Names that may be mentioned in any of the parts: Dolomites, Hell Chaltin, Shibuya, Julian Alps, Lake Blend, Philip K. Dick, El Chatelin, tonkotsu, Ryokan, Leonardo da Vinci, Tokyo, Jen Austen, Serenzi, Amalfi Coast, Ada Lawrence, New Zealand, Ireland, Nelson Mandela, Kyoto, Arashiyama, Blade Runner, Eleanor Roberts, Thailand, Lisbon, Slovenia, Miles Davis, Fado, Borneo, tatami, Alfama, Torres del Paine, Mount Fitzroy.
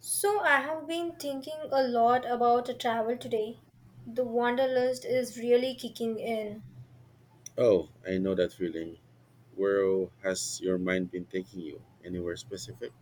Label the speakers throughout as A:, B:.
A: So, I have been thinking a lot about travel today. The Wanderlust is really kicking in.
B: Oh, I know that feeling. Where has your mind been taking you? Anywhere specific?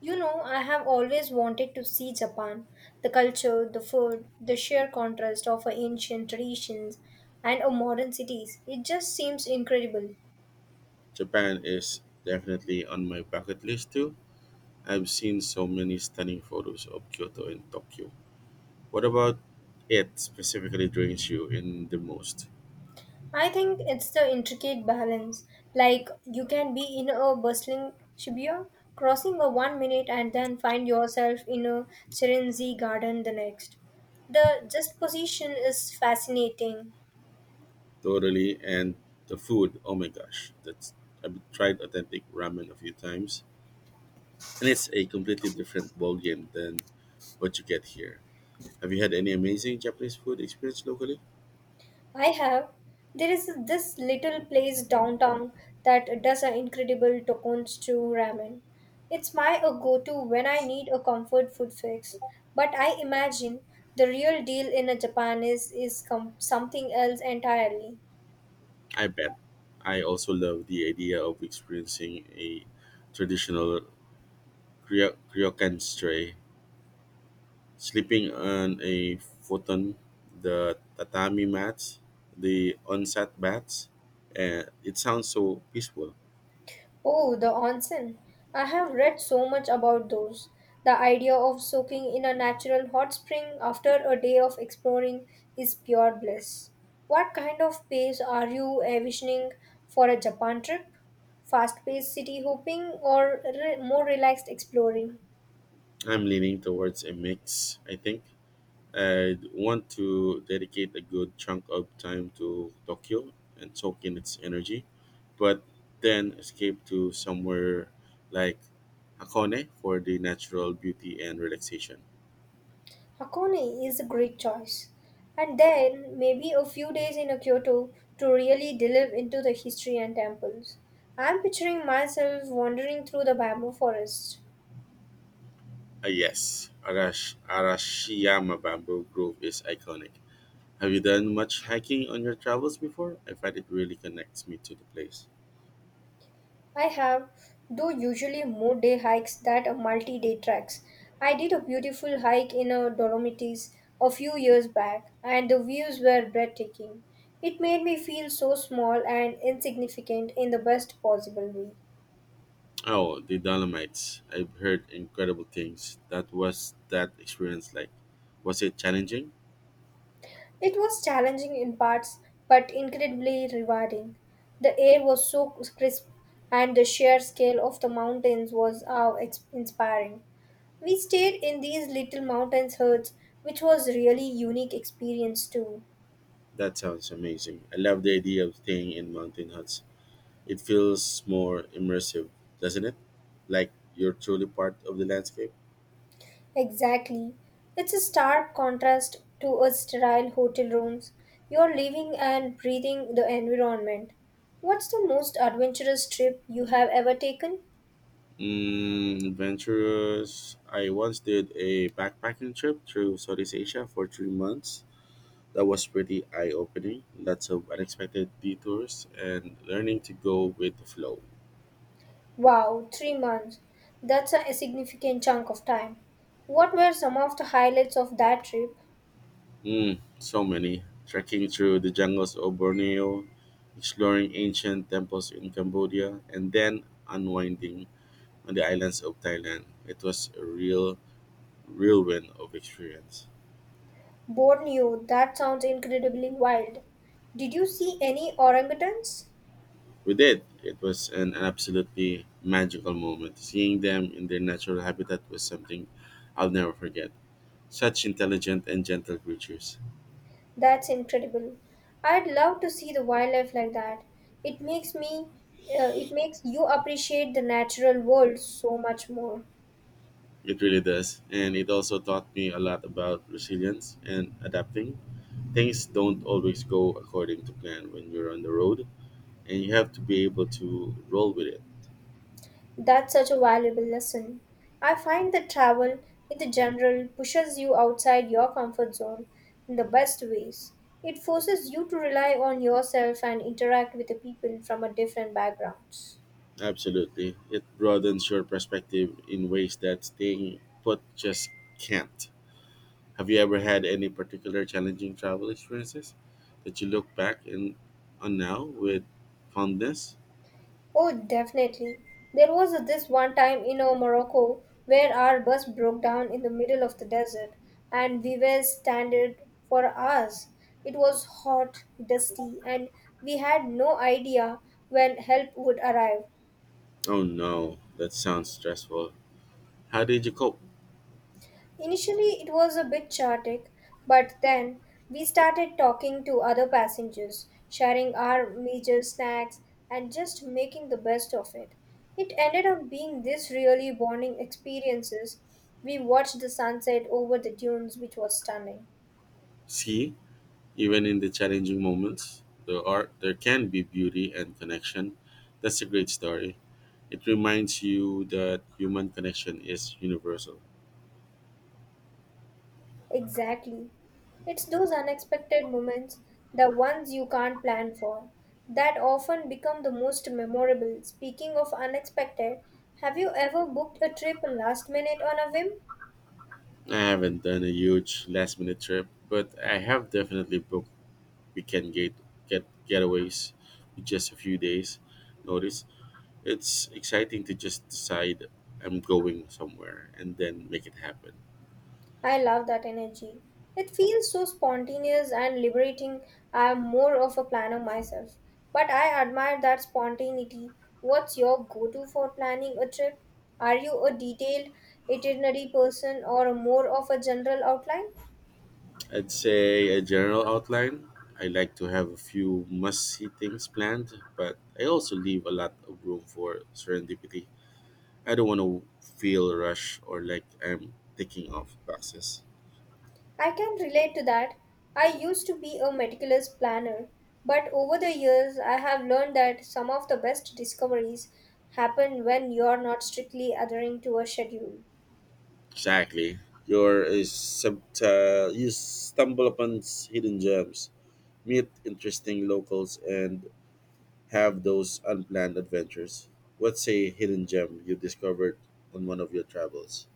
A: You know, I have always wanted to see Japan. The culture, the food, the sheer contrast of our ancient traditions and our modern cities. It just seems incredible.
B: Japan is definitely on my bucket list too. I've seen so many stunning photos of Kyoto and Tokyo. What about it specifically drains you in the most?
A: I think it's the intricate balance. Like, you can be in a bustling Shibuya, crossing a 1 minute, and then find yourself in a Serenzi garden the next. The just position is fascinating.
B: Totally, and the food. Oh my gosh, that's I've tried authentic ramen a few times, and it's a completely different ballgame than what you get here. Have you had any amazing Japanese food experience locally?
A: I have. There is this little place downtown that does an incredible tonkotsu ramen. It's my a go-to when I need a comfort food fix. But I imagine the real deal in a Japanese is something else entirely.
B: I bet. I also love the idea of experiencing a traditional Ryokan stray, sleeping on a futon, the tatami mats, the onset baths, and it sounds so peaceful.
A: Oh, the onsen. I have read so much about those. The idea of soaking in a natural hot spring after a day of exploring is pure bliss. What kind of pace are you envisioning for a Japan trip? Fast paced city hopping or more relaxed exploring?
B: I'm leaning towards a mix, I think. I want to dedicate a good chunk of time to Tokyo and soak in its energy, but then escape to somewhere like Hakone for the natural beauty and relaxation.
A: Hakone is a great choice. And then maybe a few days in a Kyoto to really delve into the history and temples. I'm picturing myself wandering through the bamboo forest.
B: Ah yes, Arashiyama Bamboo Grove is iconic. Have you done much hiking on your travels before? I find it really connects me to the place.
A: I have, though usually more day hikes than are multi day tracks. I did a beautiful hike in a Dolomites a few years back, and the views were breathtaking. It made me feel so small and insignificant in the best possible way.
B: Oh, the Dolomites. I've heard incredible things. That was that experience like. Was it challenging?
A: It was challenging in parts, but incredibly rewarding. The air was so crisp, and the sheer scale of the mountains was inspiring. We stayed in these little mountains huts, which was really unique experience too.
B: That sounds amazing. I love the idea of staying in mountain huts. It feels more immersive, doesn't it? Like you're truly part of the landscape.
A: Exactly. It's a stark contrast to a sterile hotel rooms. You're living and breathing the environment. What's the most adventurous trip you have ever taken?
B: Mm, adventurous. I once did a backpacking trip through Southeast Asia for 3 months. That was pretty eye opening. Lots of unexpected detours and learning to go with the flow.
A: Wow, 3 months. That's a significant chunk of time. What were some of the highlights of that trip?
B: Mm, so many. Trekking through the jungles of Borneo, exploring ancient temples in Cambodia, and then unwinding on the islands of Thailand. It was a real whirlwind of experience.
A: Borneo, that sounds incredibly wild. Did you see any orangutans?
B: We did. It was an absolutely magical moment. Seeing them in their natural habitat was something I'll never forget. Such intelligent and gentle creatures.
A: That's incredible. I'd love to see the wildlife like that. It it makes you appreciate the natural world so much more.
B: It really does. And it also taught me a lot about resilience and adapting. Things don't always go according to plan when you're on the road, and you have to be able to roll with it.
A: That's such a valuable lesson. I find that travel, in the general, pushes you outside your comfort zone in the best ways. It forces you to rely on yourself and interact with the people from a different backgrounds.
B: Absolutely. It broadens your perspective in ways that staying put just can't. Have you ever had any particular challenging travel experiences that you look back and on now with fondness?
A: Oh, definitely. There was this one time in Morocco where our bus broke down in the middle of the desert and we were stranded for hours. It was hot, dusty, and we had no idea when help would arrive.
B: Oh no, that sounds stressful. How did you cope?
A: Initially, it was a bit chaotic, but then we started talking to other passengers, sharing our major snacks, and just making the best of it. It ended up being this really bonding experiences. We watched the sunset over the dunes, which was stunning.
B: See, even in the challenging moments, there can be beauty and connection. That's a great story. It reminds you that human connection is universal.
A: Exactly. It's those unexpected moments, the ones you can't plan for, that often become the most memorable. Speaking of unexpected, have you ever booked a trip last minute on a whim?
B: I haven't done a huge last minute trip, but I have definitely booked weekend getaways with just a few days notice. It's exciting to just decide I'm going somewhere and then make it happen.
A: I love that energy. It feels so spontaneous and liberating. I am more of a planner myself, but I admire that spontaneity. What's your go to for planning a trip? Are you a detailed itinerary person or more of a general outline?
B: I'd say a general outline. I like to have a few must see things planned, but I also leave a lot of room for serendipity. I don't want to feel rushed or like I'm ticking off boxes.
A: I can relate to that. I used to be a meticulous planner, but over the years I have learned that some of the best discoveries happen when you are not strictly adhering to a schedule.
B: Exactly. You stumble upon hidden gems, meet interesting locals, and have those unplanned adventures. What's a hidden gem you discovered on one of your travels?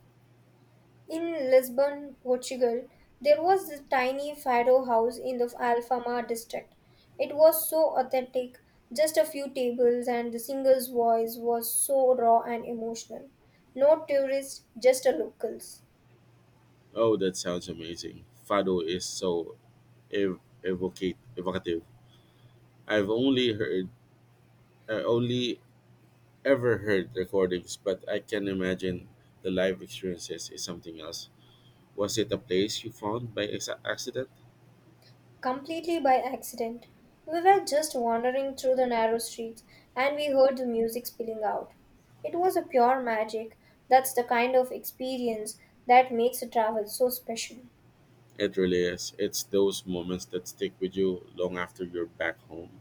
A: In Lisbon, Portugal, there was this tiny fado house in the Alfama district. It was so authentic, just a few tables, and the singer's voice was so raw and emotional. No tourists, just a locals.
B: Oh, that sounds amazing. Fado is so evocative. I've only heard, I only ever heard recordings, but I can imagine the live experiences is something else. Was it a place you found by accident?
A: Completely by accident. We were just wandering through the narrow streets and we heard the music spilling out. It was a pure magic. That's the kind of experience that makes a travel so special.
B: It really is. It's those moments that stick with you long after you're back home.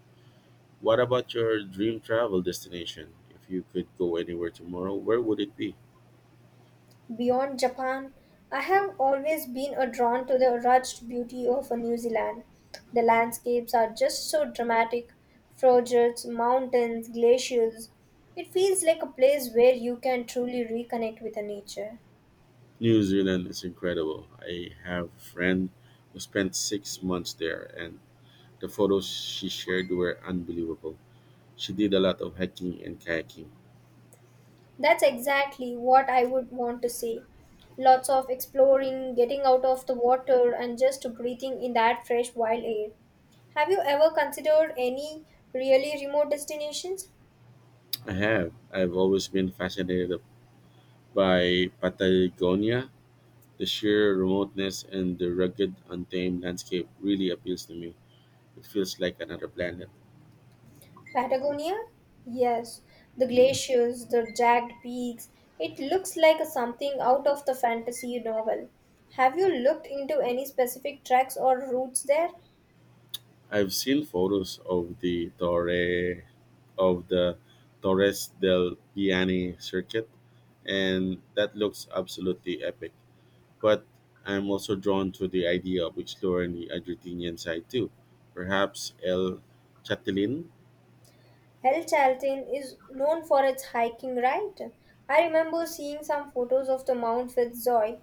B: What about your dream travel destination? If you could go anywhere tomorrow, where would it be?
A: Beyond Japan, I have always been drawn to the rugged beauty of New Zealand. The landscapes are just so dramatic fjords, mountains, glaciers. It feels like a place where you can truly reconnect with the nature.
B: New Zealand is incredible. I have a friend who spent 6 months there, and the photos she shared were unbelievable. She did a lot of hiking and kayaking.
A: That's exactly what I would want to see. Lots of exploring, getting out of the water, and just breathing in that fresh wild air. Have you ever considered any really remote destinations?
B: I have. I've always been fascinated by Patagonia. The sheer remoteness and the rugged, untamed landscape really appeals to me. It feels like another planet.
A: Patagonia? Yes. The glaciers, the jagged peaks. It looks like something out of the fantasy novel. Have you looked into any specific tracks or routes there?
B: I've seen photos of the Torres del Paine circuit, and that looks absolutely epic. But I'm also drawn to the idea of exploring the Argentinian side too. Perhaps El Chatelin?
A: Hell Chaltin is known for its hiking, right? I remember seeing some photos of the Mount Fitzroy,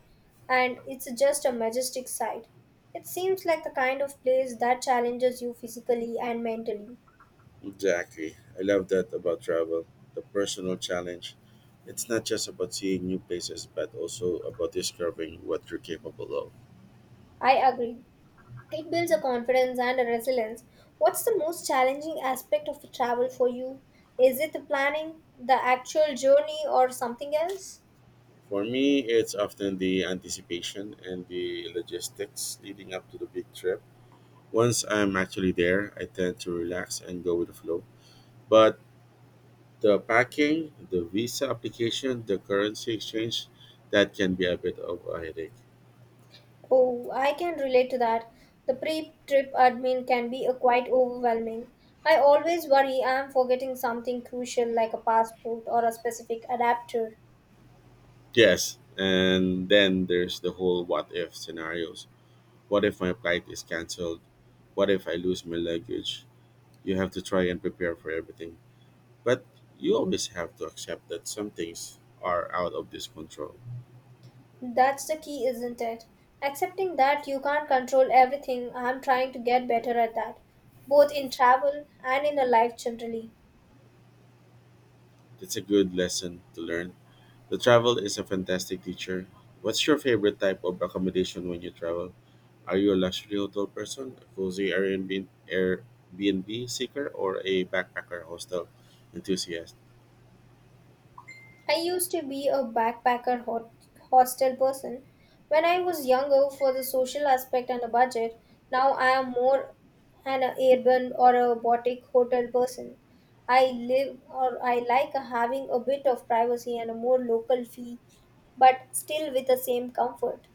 A: and it's just a majestic sight. It seems like the kind of place that challenges you physically and mentally.
B: Exactly. I love that about travel. The personal challenge. It's not just about seeing new places, but also about discovering what you're capable of.
A: I agree. It builds a confidence and a resilience. What's the most challenging aspect of travel for you? Is it the planning, the actual journey, or something else?
B: For me, it's often the anticipation and the logistics leading up to the big trip. Once I'm actually there, I tend to relax and go with the flow. But the packing, the visa application, the currency exchange, that can be a bit of a headache.
A: Oh, I can relate to that. The pre trip admin can be a quite overwhelming. I always worry I am forgetting something crucial like a passport or a specific adapter.
B: Yes, and then there's the whole what if scenarios. What if my flight is cancelled? What if I lose my luggage? You have to try and prepare for everything. But you always have to accept that some things are out of this control.
A: That's the key, isn't it? Accepting that you can't control everything, I am trying to get better at that, both in travel and in a life generally.
B: It's a good lesson to learn. The travel is a fantastic teacher. What's your favorite type of accommodation when you travel? Are you a luxury hotel person, a cozy Airbnb seeker, or a backpacker hostel enthusiast?
A: I used to be a hostel person when I was younger for the social aspect and the budget. Now I am more an urban or a boutique hotel person. I live or I like having a bit of privacy and a more local feel, but still with the same comfort.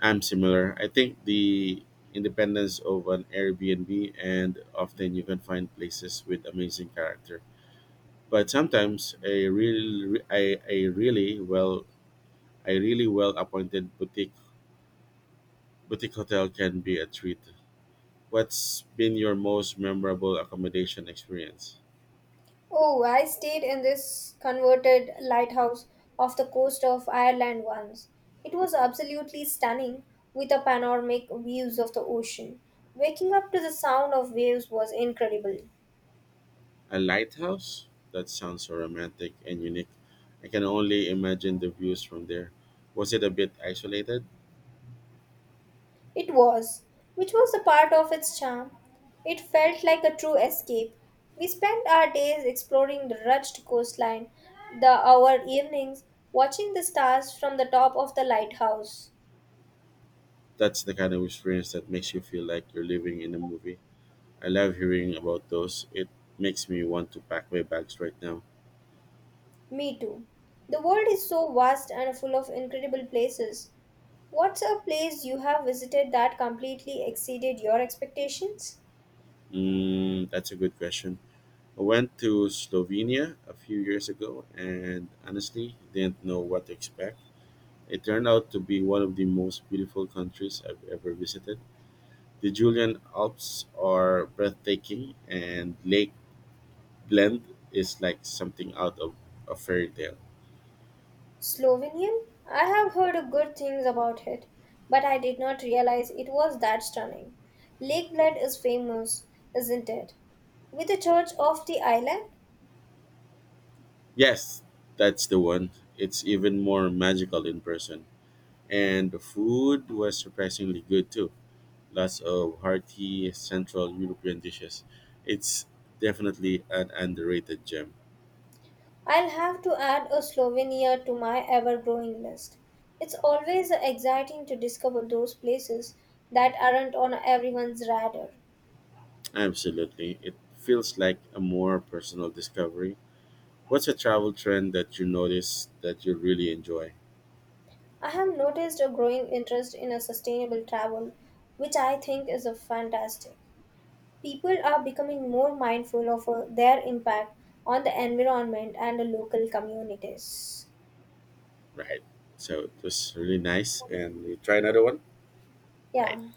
B: I'm similar. I think the independence of an Airbnb and often you can find places with amazing character. But sometimes a really well appointed boutique hotel can be a treat. What's been your most memorable accommodation experience?
A: Oh, I stayed in this converted lighthouse off the coast of Ireland once. It was absolutely stunning with the panoramic views of the ocean. Waking up to the sound of waves was incredible.
B: A lighthouse? That sounds so romantic and unique. I can only imagine the views from there. Was it a bit isolated?
A: It was, which was a part of its charm. It felt like a true escape. We spent our days exploring the rugged coastline, the our evenings watching the stars from the top of the lighthouse.
B: That's the kind of experience that makes you feel like you're living in a movie. I love hearing about those. It makes me want to pack my bags right now.
A: Me too. The world is so vast and full of incredible places. What's a place you have visited that completely exceeded your expectations?
B: Mm, that's a good question. I went to Slovenia a few years ago and honestly didn't know what to expect. It turned out to be one of the most beautiful countries I've ever visited. The Julian Alps are breathtaking and Lake Blend is like something out of a fairy tale.
A: Slovenia? I have heard good things about it, but I did not realize it was that stunning. Lake Bled is famous, isn't it? With the Church off the Island,
B: Yes, that's the one. It's even more magical in person. And the food was surprisingly good too. Lots of hearty Central European dishes. It's definitely an underrated gem.
A: I'll have to add a Slovenia to my ever growing list. It's always exciting to discover those places that aren't on everyone's radar.
B: Absolutely. It feels like a more personal discovery. What's a travel trend that you notice that you really enjoy?
A: I have noticed a growing interest in a sustainable travel, which I think is a fantastic. People are becoming more mindful of their impact on the environment and the local communities.
B: Right. So it was really nice. And you try another one? Right.
A: Yeah.